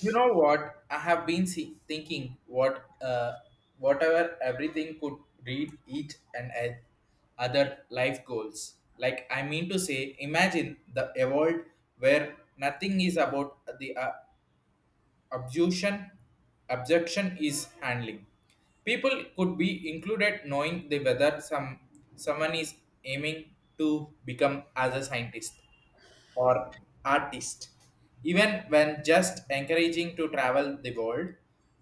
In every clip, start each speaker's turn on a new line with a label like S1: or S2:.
S1: You know what? I have been thinking what, whatever everything could read each other life goals. Like I mean to say, imagine the a world where nothing is about the objection. Objection is handling. People could be included knowing the whether someone is aiming to become as a scientist or artist. Even when just encouraging to travel the world,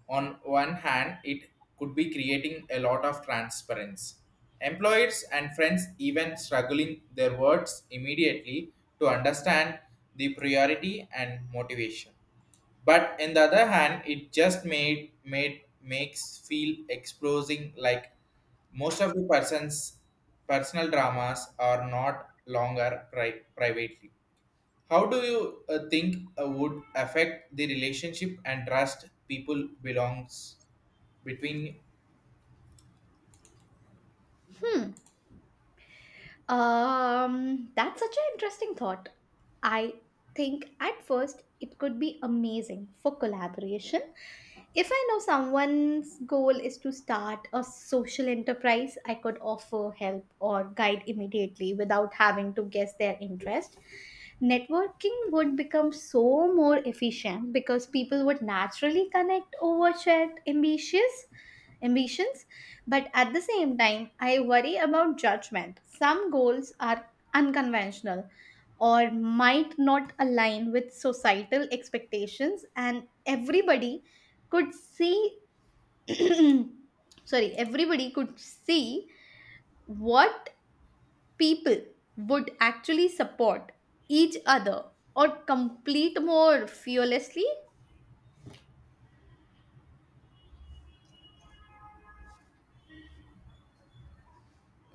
S1: on one hand, it could be creating a lot of transparency. Employers and friends even struggling their words immediately to understand the priority and motivation. But on the other hand, it just made makes feel exposing like most of the person's personal dramas are not longer privately. How do you think would affect the relationship and trust people belongs between?
S2: Hmm. That's such an interesting thought. I think at first it could be amazing for collaboration. If I know someone's goal is to start a social enterprise, I could offer help or guide immediately without having to guess their interest. Networking would become so more efficient because people would naturally connect over shared ambitions, but at the same time, I worry about judgment. Some goals are unconventional or might not align with societal expectations, and everybody could see, sorry, everybody could see what people would actually support each other or complete more fearlessly.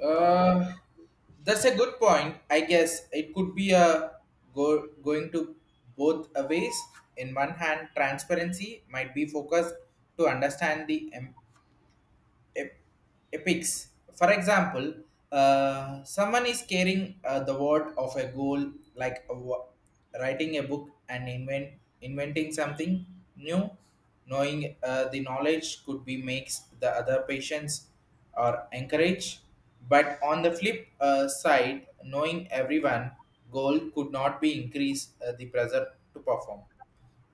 S1: Uh, that's a good point. I guess it could be a go going to both a ways. In one hand, transparency might be focused to understand the ep- epics. For example, someone is carrying the word of a goal, like a writing a book and inventing something new. Knowing the knowledge could be makes the other patients or encourage. But on the flip side, knowing everyone goal could not be increase the pressure to perform.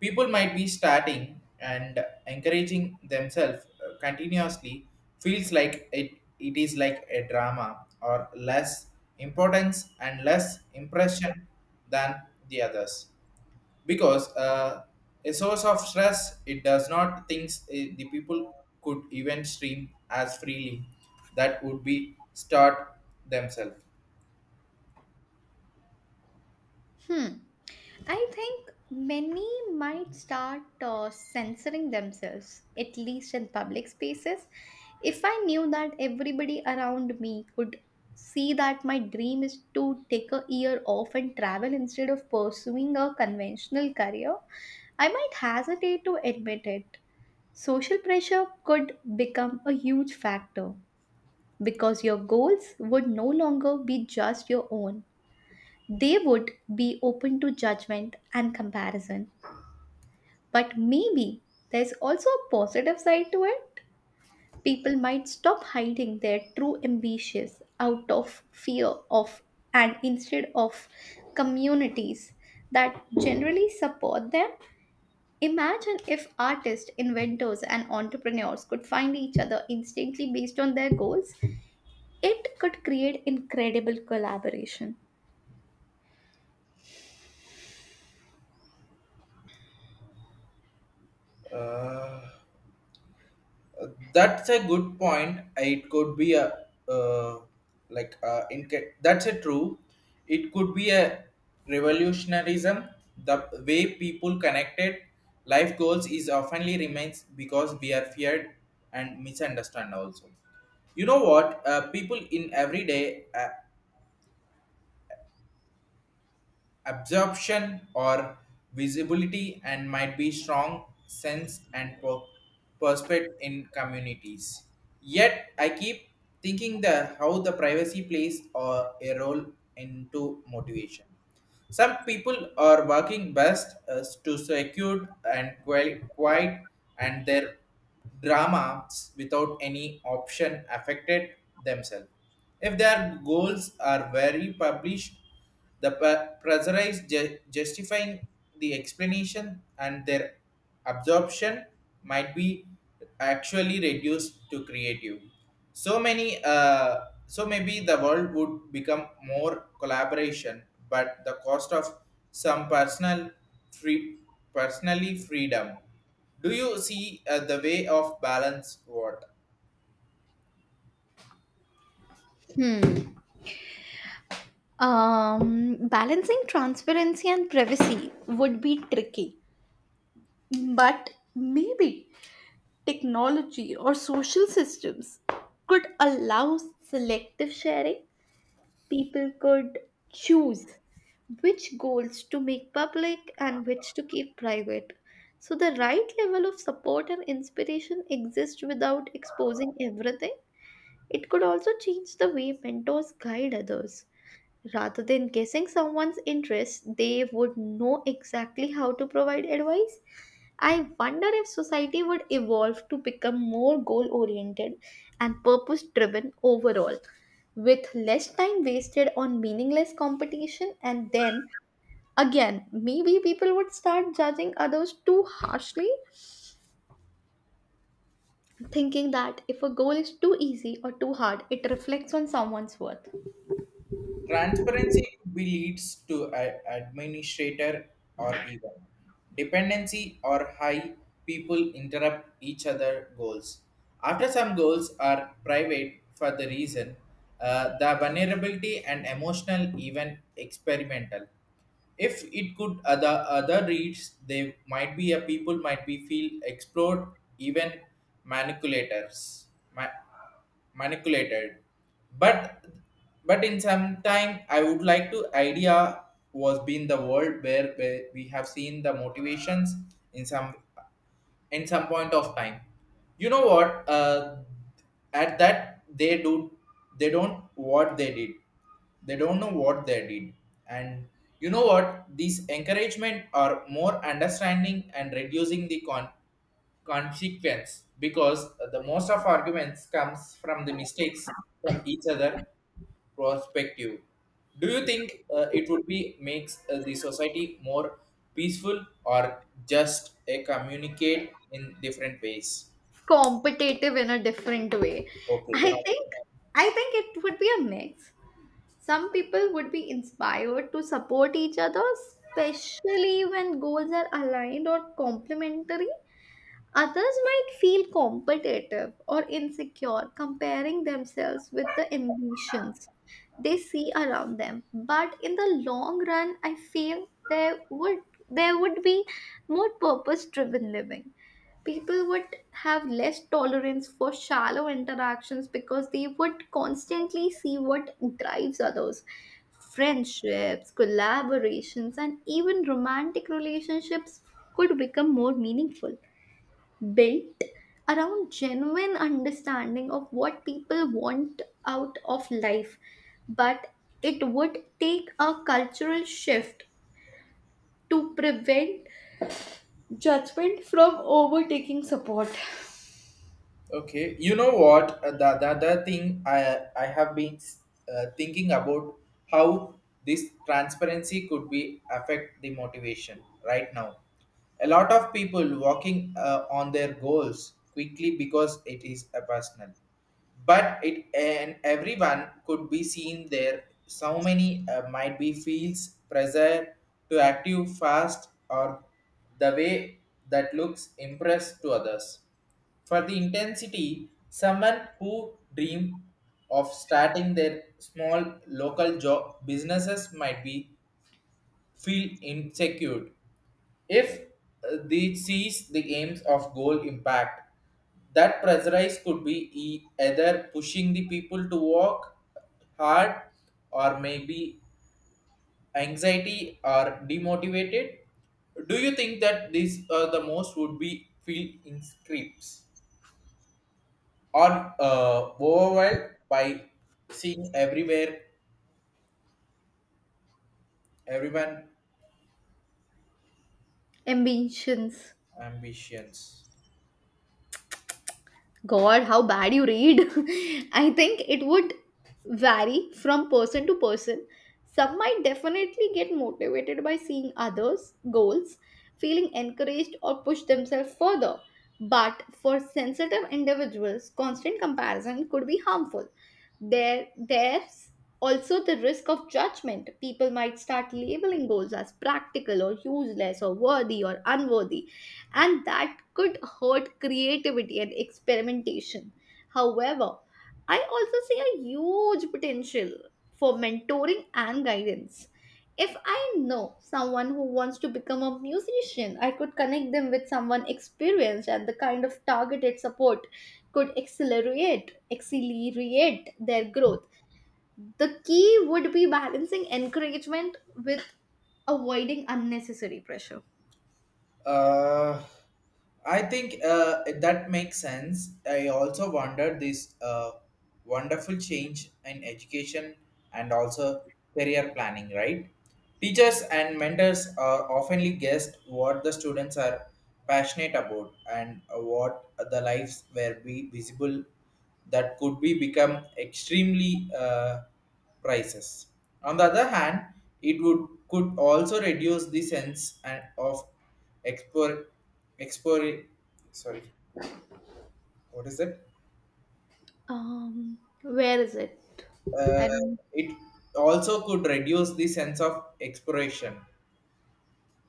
S1: People might be starting and encouraging themselves continuously feels like it is like a drama or less importance and less impression than the others because a source of stress it does not thinks the people could even stream as freely that would be start themselves.
S2: Hmm. I think many might start censoring themselves, at least in public spaces. If I knew that everybody around me could see that my dream is to take a year off and travel instead of pursuing a conventional career, I might hesitate to admit it. Social pressure could become a huge factor because your goals would no longer be just your own. They would be open to judgment and comparison. But maybe there's also a positive side to it. People might stop hiding their true ambitions out of fear of and instead of communities that generally support them. Imagine if artists, inventors, and entrepreneurs could find each other instantly based on their goals. It could create incredible collaboration.
S1: Uh, Uh, that's a good point. It could be a like that's a true. It could be a revolutionarism. The way people connected life goals is oftenly remains because we are feared and misunderstand also. You know what? People in everyday absorption or visibility and might be strong sense and perspective in communities. Yet I keep thinking the how the privacy plays a role into motivation. Some people are working best as to secure and quiet and their dramas without any option affected themselves. If their goals are very published, the pressurized justifying the explanation and their absorption might be actually reduced to creative. So maybe the world would become more collaboration, but the cost of some personal free, personally freedom. Do you see the way of balance? What?
S2: Hmm. Balancing transparency and privacy would be tricky. But maybe technology or social systems could allow selective sharing. People could choose which goals to make public and which to keep private. So, the right level of support and inspiration exists without exposing everything. It could also change the way mentors guide others. Rather than guessing someone's interests, they would know exactly how to provide advice. I wonder if society would evolve to become more goal oriented and purpose driven overall, with less time wasted on meaningless competition, and then again, maybe people would start judging others too harshly, thinking that if a goal is too easy or too hard, it reflects on someone's worth.
S1: Transparency could be leads to a administrator or even dependency or high people interrupt each other goals. After some goals are private for the reason, the vulnerability and emotional even experimental if it could other reads, they might be a people might be feel explored, even manipulators ma- manipulated. But but in some time I would like to idea was been the world where we have seen the motivations in some, in some point of time. You know what? At that they do, they don't what they did, they don't know what they did, and you know what these encouragement are more understanding and reducing the consequence because the most of arguments comes from the mistakes from each other perspective. Do you think it would be makes the society more peaceful or just a communicate in different ways?
S2: Competitive in a different way.
S1: Okay.
S2: I think I think it would be a mix. Some people would be inspired to support each other, especially when goals are aligned or complementary. Others might feel competitive or insecure comparing themselves with the ambitions they see around them. But in the long run, I feel there would be more purpose driven living. People would have less tolerance for shallow interactions because they would constantly see what drives others. Friendships, collaborations, and even romantic relationships could become more meaningful, built around genuine understanding of what people want out of life. But it would take a cultural shift to prevent judgment from overtaking support.
S1: Okay, you know what? The other thing I have been thinking about how this transparency could be affect the motivation right now. A lot of people walking on their goals quickly because it is a personal, but it and everyone could be seen there. So many might be feels pressure to active fast or the way that looks impressed to others. For the intensity, someone who dream of starting their small local job businesses might be feel insecure if they sees the aims of goal impact. That pressurize could be either pushing the people to work hard or maybe anxiety or demotivated. Do you think that these are the most would be feel in scripts? Or overwhelmed by seeing everywhere everyone
S2: Ambitions.
S1: ambitions?
S2: God, how bad you read. I think it would vary from person to person. Some might definitely get motivated by seeing others' goals, feeling encouraged, or push themselves further. But for sensitive individuals, constant comparison could be harmful. There's also the risk of judgment. People might start labeling goals as practical or useless or worthy or unworthy, and that could hurt creativity and experimentation. However, I also see a huge potential for mentoring and guidance. If I know someone who wants to become a musician, I could connect them with someone experienced, and the kind of targeted support could accelerate their growth. The key would be balancing encouragement with avoiding unnecessary pressure.
S1: uh, I think that makes sense. I also wondered this wonderful change in education and also career planning, right? Teachers and mentors are oftenly guessed what the students are passionate about and what the lives will be visible. That could be become extremely prices. On the other hand, it would could also reduce the sense and of expor expor sorry, what is it?
S2: Where is it?
S1: uh,
S2: I don't.
S1: it also could reduce the sense of exploration,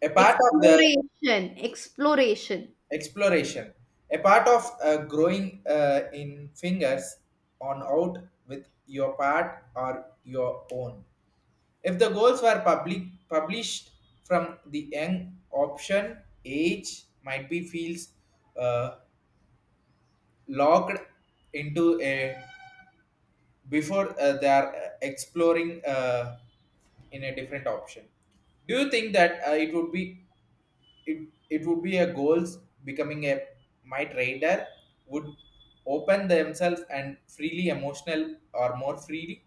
S1: a part of the
S2: Exploration, exploration,
S1: exploration, a part of growing in fingers on out with your part or your own. If the goals were public published from the young option, age might be feels uh, locked into a before they are exploring in a different option. Do you think that it would be it would be a goals becoming a my trader would open themselves and freely emotional or more freely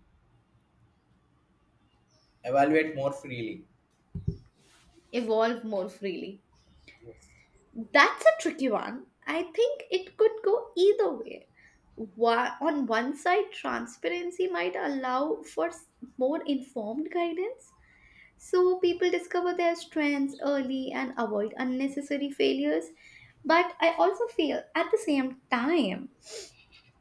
S1: evaluate more freely?
S2: evolve more freely.
S1: Yes.
S2: That's a tricky one. I think it could go either way. On one side, transparency might allow for more informed guidance, so people discover their strengths early and avoid unnecessary failures. But I also feel at the same time,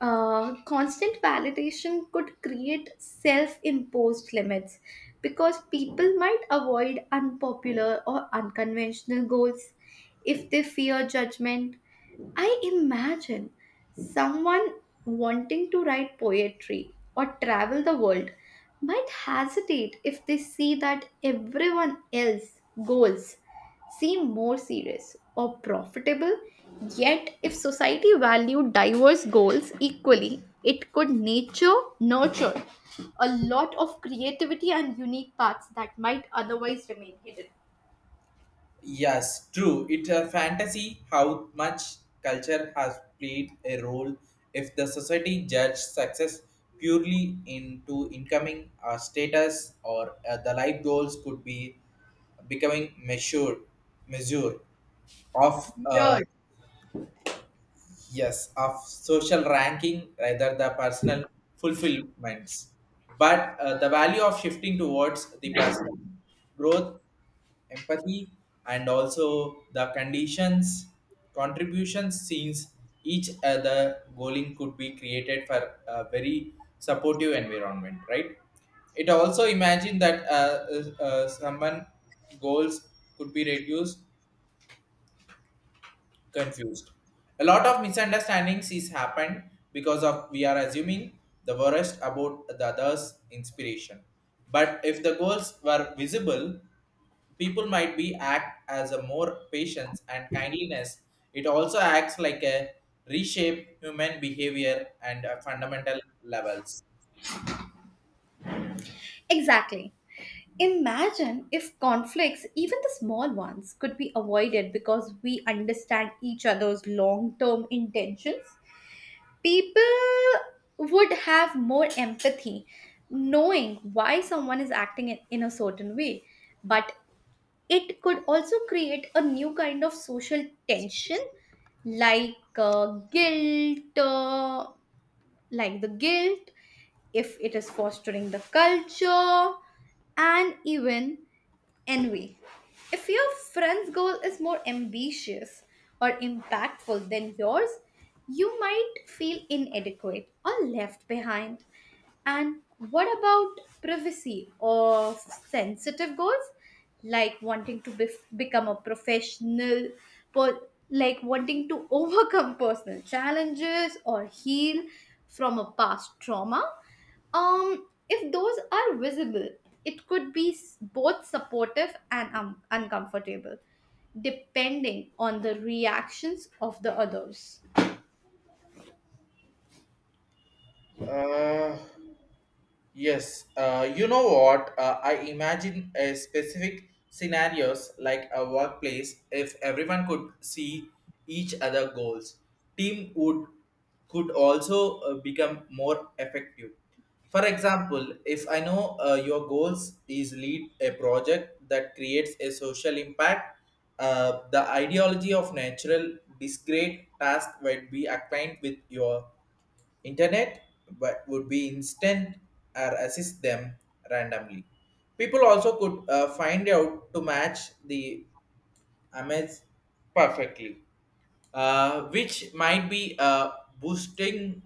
S2: constant validation could create self imposed limits because people might avoid unpopular or unconventional goals if they fear judgment. I imagine someone wanting to write poetry or travel the world might hesitate if they see that everyone else's goals seem more serious or profitable. Yet if society valued diverse goals equally, it could nature nurture a lot of creativity and unique paths that might otherwise remain hidden.
S1: Yes, true. It's a fantasy how much culture has played a role. If the society judged success purely into incoming status or the life goals could be becoming measure of
S2: Sure.
S1: yes of social ranking rather the personal fulfillments. But the value of shifting towards the personal growth, empathy, and also the conditions contributions since each other goaling could be created for a very supportive environment, right? It also imagine that someone goals could be reduced confused. A lot of misunderstandings is happened because of we are assuming the worst about the other's inspiration. But if the goals were visible, people might be act as a more patience and kindliness. It also acts like a reshape human behavior and fundamental levels.
S2: Exactly. Imagine if conflicts, even the small ones, could be avoided because we understand each other's long term intentions. People would have more empathy knowing why someone is acting in a certain way. But it could also create a new kind of social tension like guilt, uh, the guilt, if it is fostering the culture and even envy. If your friend's goal is more ambitious or impactful than yours, you might feel inadequate or left behind. And what about privacy or sensitive goals, like become a professional, like wanting to overcome personal challenges or heal from a past trauma? If those are visible, it could be both supportive and uncomfortable, depending on the reactions of the others.
S1: Uh, Yes, you know what? I imagine a specific scenarios like a workplace. If everyone could see each other goals, team would could also become more effective. For example, if I know your goals is lead a project that creates a social impact, the ideology of natural discrete task might be aligned with your internet but would be instant or assist them randomly. People also could find out to match the image perfectly, which might be boosting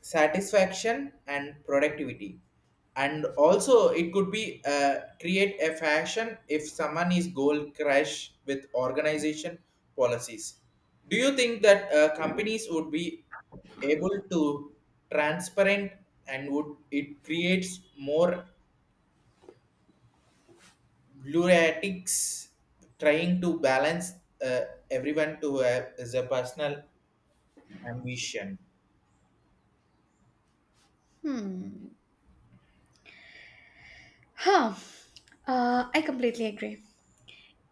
S1: satisfaction and productivity, and also it could be create a fashion if someone is goal crash with organization policies. Do you think that companies would be able to transparent and would it creates more luratics trying to balance uh, everyone to the personal ambition?
S2: Hmm. Huh. I completely agree.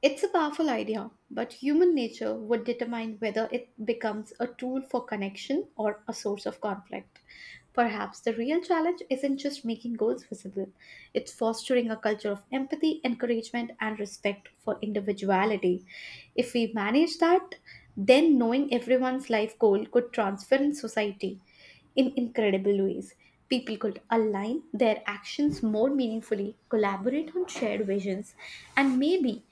S2: It's a powerful idea, but human nature would determine whether it becomes a tool for connection or a source of conflict. Perhaps the real challenge isn't just making goals visible, it's fostering a culture of empathy, encouragement, and respect for individuality. If we manage that, then knowing everyone's life goal could transform society in incredible ways. People could align their actions more meaningfully, collaborate on shared visions, and maybe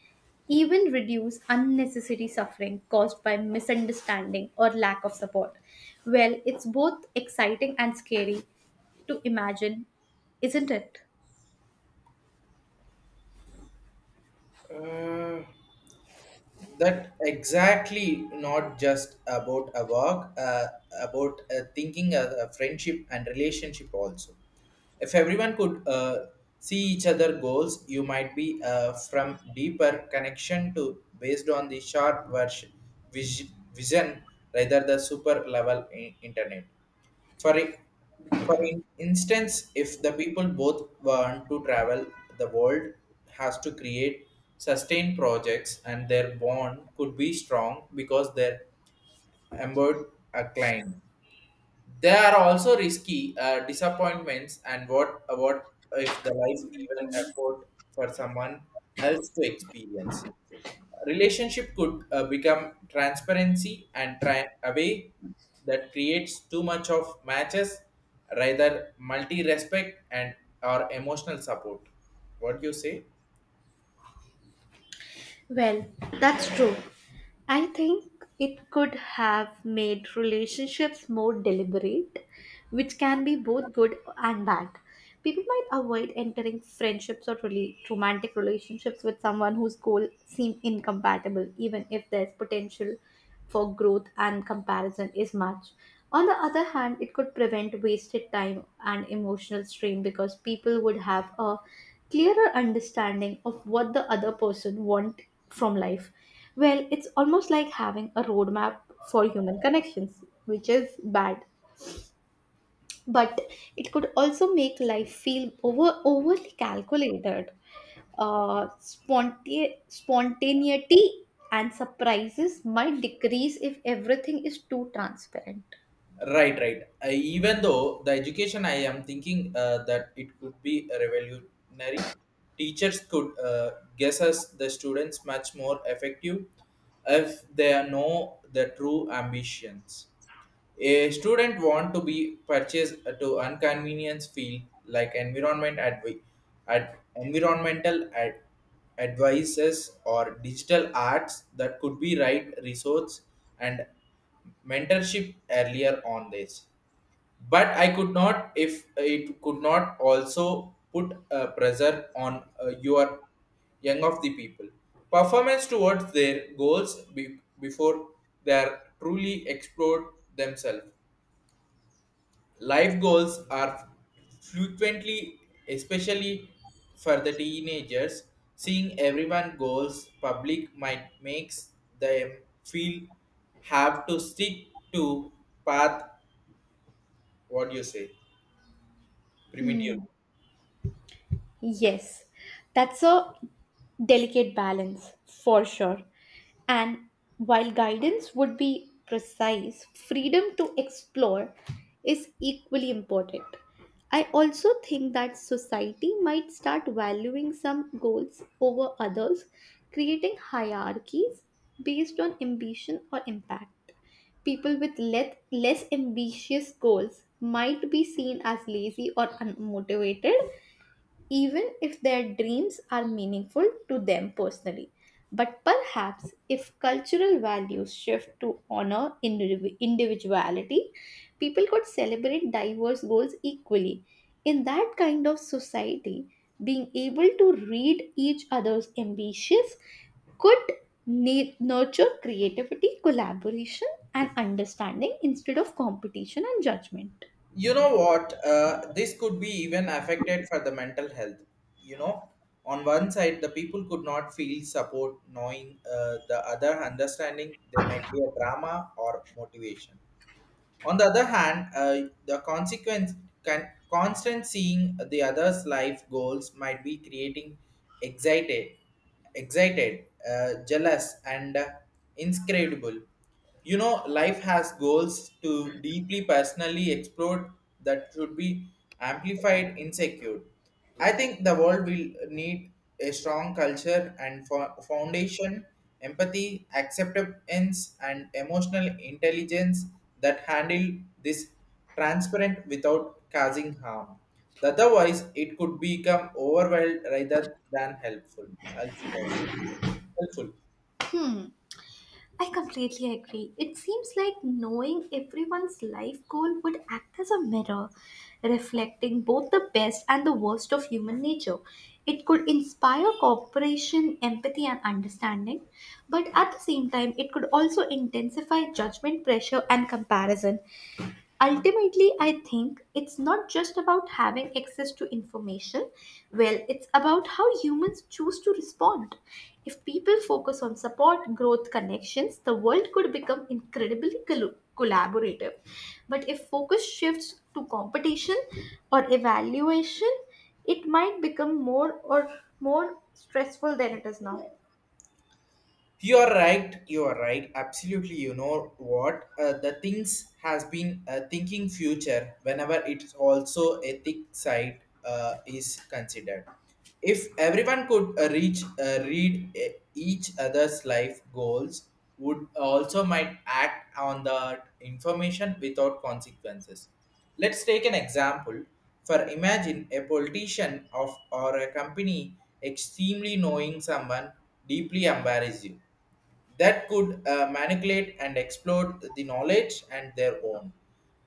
S2: even reduce unnecessary suffering caused by misunderstanding or lack of support. Well, it's both exciting and scary to imagine, isn't it?
S1: That exactly. Not just about a work, about thinking a friendship and relationship also. If everyone could see each other goals, you might be from deeper connection to based on the short version vision rather the super level internet. for, i- for instance, if the people both want to travel, the world has to create sustained projects and their bond could be strong because they're embedded a client. There are also risky disappointments and what if the life even effort for someone else to experience relationship could become transparency and try away that creates too much of matches rather multi respect and or emotional support. What do you say?
S2: Well, that's true. I think it could have made relationships more deliberate, which can be both good and bad. People might avoid entering friendships or really romantic relationships with someone whose goals seem incompatible, even if there's potential for growth and comparison is much. On the other hand, it could prevent wasted time and emotional strain because people would have a clearer understanding of what the other person want from life. Well, it's almost like having a roadmap for human connections, which is bad, but it could also make life feel overly calculated. Spontaneity and surprises might decrease if everything is too transparent.
S1: Right, right. Even though the education I am thinking that it could be revolutionary. Teachers could guess us the students much more effective if they know the true ambitions. A student want to be purchased to inconvenience field like environment environmental advices or digital arts. That could be right resource and mentorship earlier on this. But I could not if it could not also put a pressure on your young of the people performance towards their goals before they are truly explored themselves. Life goals are frequently, especially for the teenagers, seeing everyone goals public might makes them feel have to stick to path. What do you say? Primitive.
S2: Hmm. Yes, that's a delicate balance for sure. And while guidance would be precise, freedom to explore is equally important. I also think that society might start valuing some goals over others, creating hierarchies based on ambition or impact. People with less ambitious goals might be seen as lazy or unmotivated, even if their dreams are meaningful to them personally. But perhaps if cultural values shift to honor individuality, people could celebrate diverse goals equally. In that kind of society, being able to read each other's ambitions could nurture creativity, collaboration, and understanding instead of competition and judgment.
S1: You know what? This could be even affected for the mental health. You know, on one side, the people could not feel support, knowing the other understanding there might be a drama or motivation. On the other hand, the consequence can constant seeing the other's life goals might be creating excited, excited, jealous, and inscrutable. You know, life has goals to deeply personally explore that should be amplified, insecure. I think the world will need a strong culture and foundation, empathy, acceptance, and emotional intelligence that handle this transparent without causing harm. Otherwise, it could become overwhelmed rather than helpful. Helpful. Helpful.
S2: Hmm. I completely agree. It seems like knowing everyone's life goal would act as a mirror, reflecting both the best and the worst of human nature. It could inspire cooperation, empathy, and understanding, but at the same time, it could also intensify judgment pressure and comparison. Ultimately, I think it's not just about having access to information. Well, it's about how humans choose to respond. If people focus on support, growth, connections, the world could become incredibly collaborative. But if focus shifts to competition or evaluation, it might become more stressful than it is now.
S1: You are right. You are right. Absolutely. You know what? The things has been thinking future whenever it's also ethic side is considered. If everyone could reach read each other's life goals, would also might act on the information without consequences. Let's take an example. For imagine a politician of or a company extremely knowing someone deeply embarrass you. That could manipulate and exploit the knowledge and their own.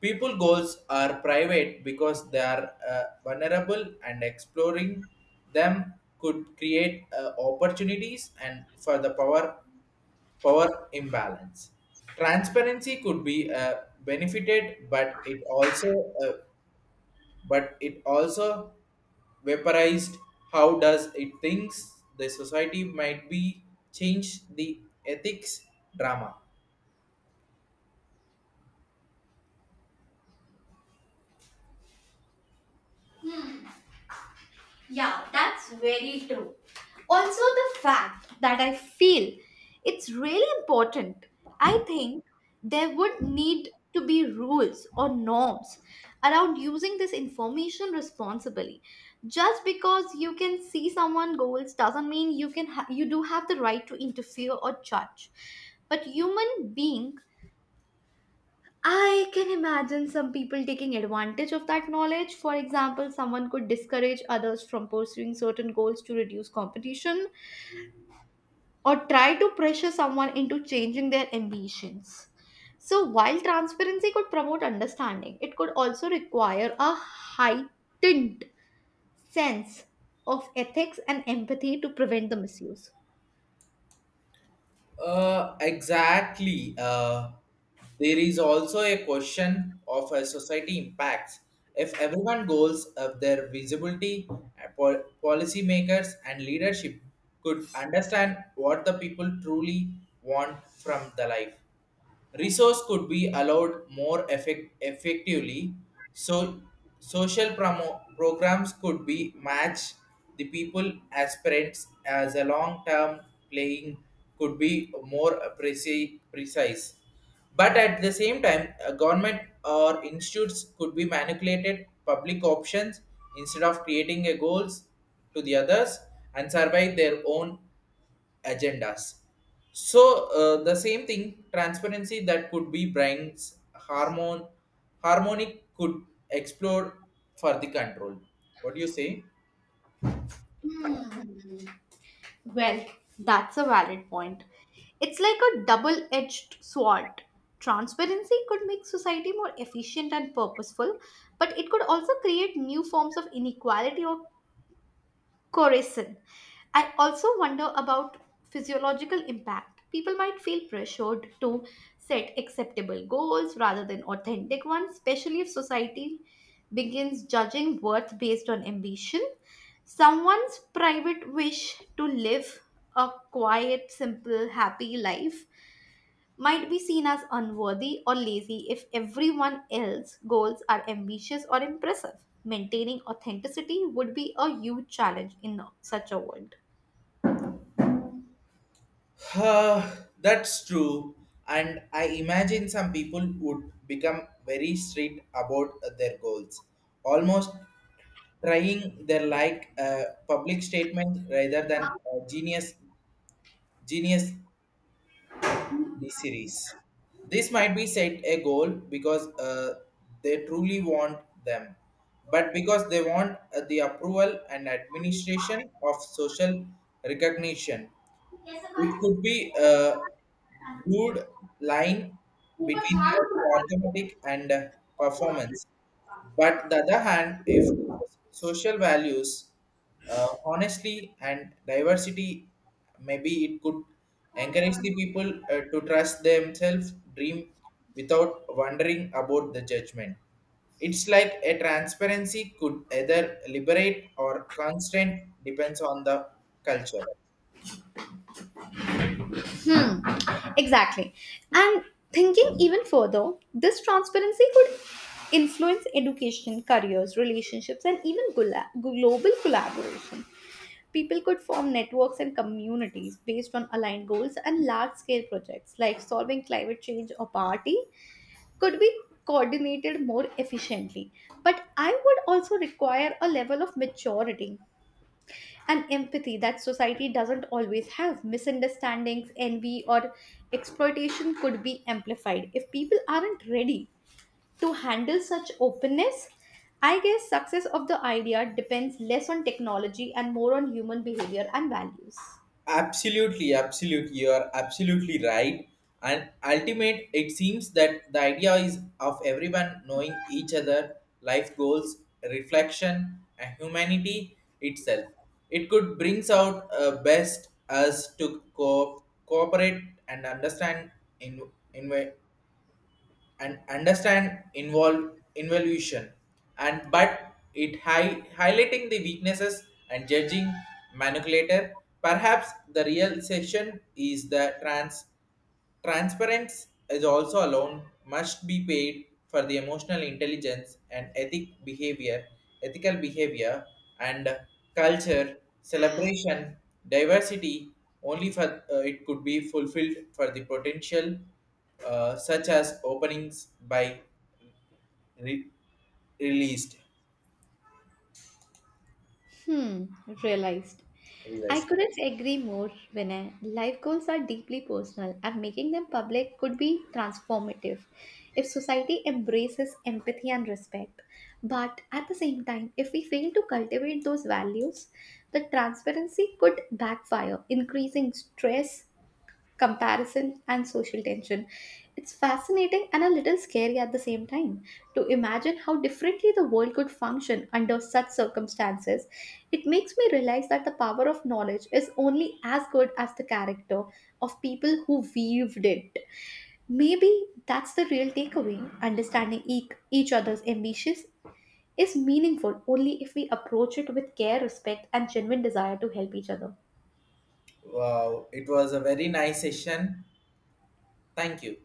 S1: People goals are private because they are vulnerable and exploring them could create opportunities and for the power imbalance. Transparency could be benefited, but it also but it also vaporized. How does it thinks the society might be change the ethics drama?
S2: Yeah, that's very true. Also, the fact that I feel it's really important. I think there would need to be rules or norms around using this information responsibly. Just because you can see someone goals doesn't mean you do have the right to interfere or judge. But human being, I can imagine some people taking advantage of that knowledge. For example, someone could discourage others from pursuing certain goals to reduce competition or try to pressure someone into changing their ambitions. So, while transparency could promote understanding, it could also require a heightened sense of ethics and empathy to prevent the misuse.
S1: Exactly. There is also a question of a society impacts. If everyone goals of their visibility, policymakers and leadership could understand what the people truly want from the life. Resource could be allowed more effectively, so social programs could be match the people aspirants as a long term playing could be more precise. But at the same time, a government or institutes could be manipulated public options instead of creating a goals to the others and survive their own agendas. So the same thing, transparency that could be brings harmonic could explore for the control. What do you say?
S2: Hmm. Well, that's a valid point. It's like a double edged sword. Transparency could make society more efficient and purposeful, but it could also create new forms of inequality or Corazon. I also wonder about physiological impact. People might feel pressured to set acceptable goals rather than authentic ones, especially if society begins judging worth based on ambition. Someone's private wish to live a quiet, simple, happy life might be seen as unworthy or lazy if everyone else's goals are ambitious or impressive. Maintaining authenticity would be a huge challenge in such a world.
S1: Uh, that's true. And I imagine some people would become very strict about their goals, almost trying their like a public statement rather than a genius the series. This might be set a goal because they truly want them, but because they want the approval and administration of social recognition. It could be a blurred line between the arithmetic and performance. But the other hand, if social values, honestly, and diversity, maybe it could encourage the people to trust themselves, dream without wondering about the judgment. It's like a transparency could either liberate or constrain, depends on the culture.
S2: Hmm, exactly. And thinking even further, this transparency could influence education, careers, relationships, and even global collaboration. People could form networks and communities based on aligned goals, and large scale projects like solving climate change or poverty could be coordinated more efficiently. But I would also require a level of maturity and empathy that society doesn't always have. Misunderstandings, envy, or exploitation could be amplified if people aren't ready to handle such openness. I guess success of the idea depends less on technology and more on human behavior and values.
S1: Absolutely, absolutely. You are absolutely right. And ultimate, it seems that the idea is of everyone knowing each other, life goals, reflection, and humanity itself. It could brings out best us to cooperate and understand in, in and understand involve involution and but it highlighting the weaknesses and judging manipulator. Perhaps the real session is the trans. Transparency is also alone must be paid for the emotional intelligence and ethical behavior and culture celebration diversity only for it could be fulfilled for the potential such as openings by re- released.
S2: Hmm, realized. I
S1: Realized.
S2: couldn't agree more, Vinay. Life goals are deeply personal, and making them public could be transformative if society embraces empathy and respect. But at the same time, if we fail to cultivate those values, the transparency could backfire, increasing stress, comparison, and social tension. It's fascinating and a little scary at the same time to imagine how differently the world could function under such circumstances. It makes me realize that the power of knowledge is only as good as the character of people who weaved it. Maybe that's the real takeaway. Understanding each other's ambitions is meaningful only if we approach it with care, respect, and genuine desire to help each other.
S1: Wow, it was a very nice session. Thank you.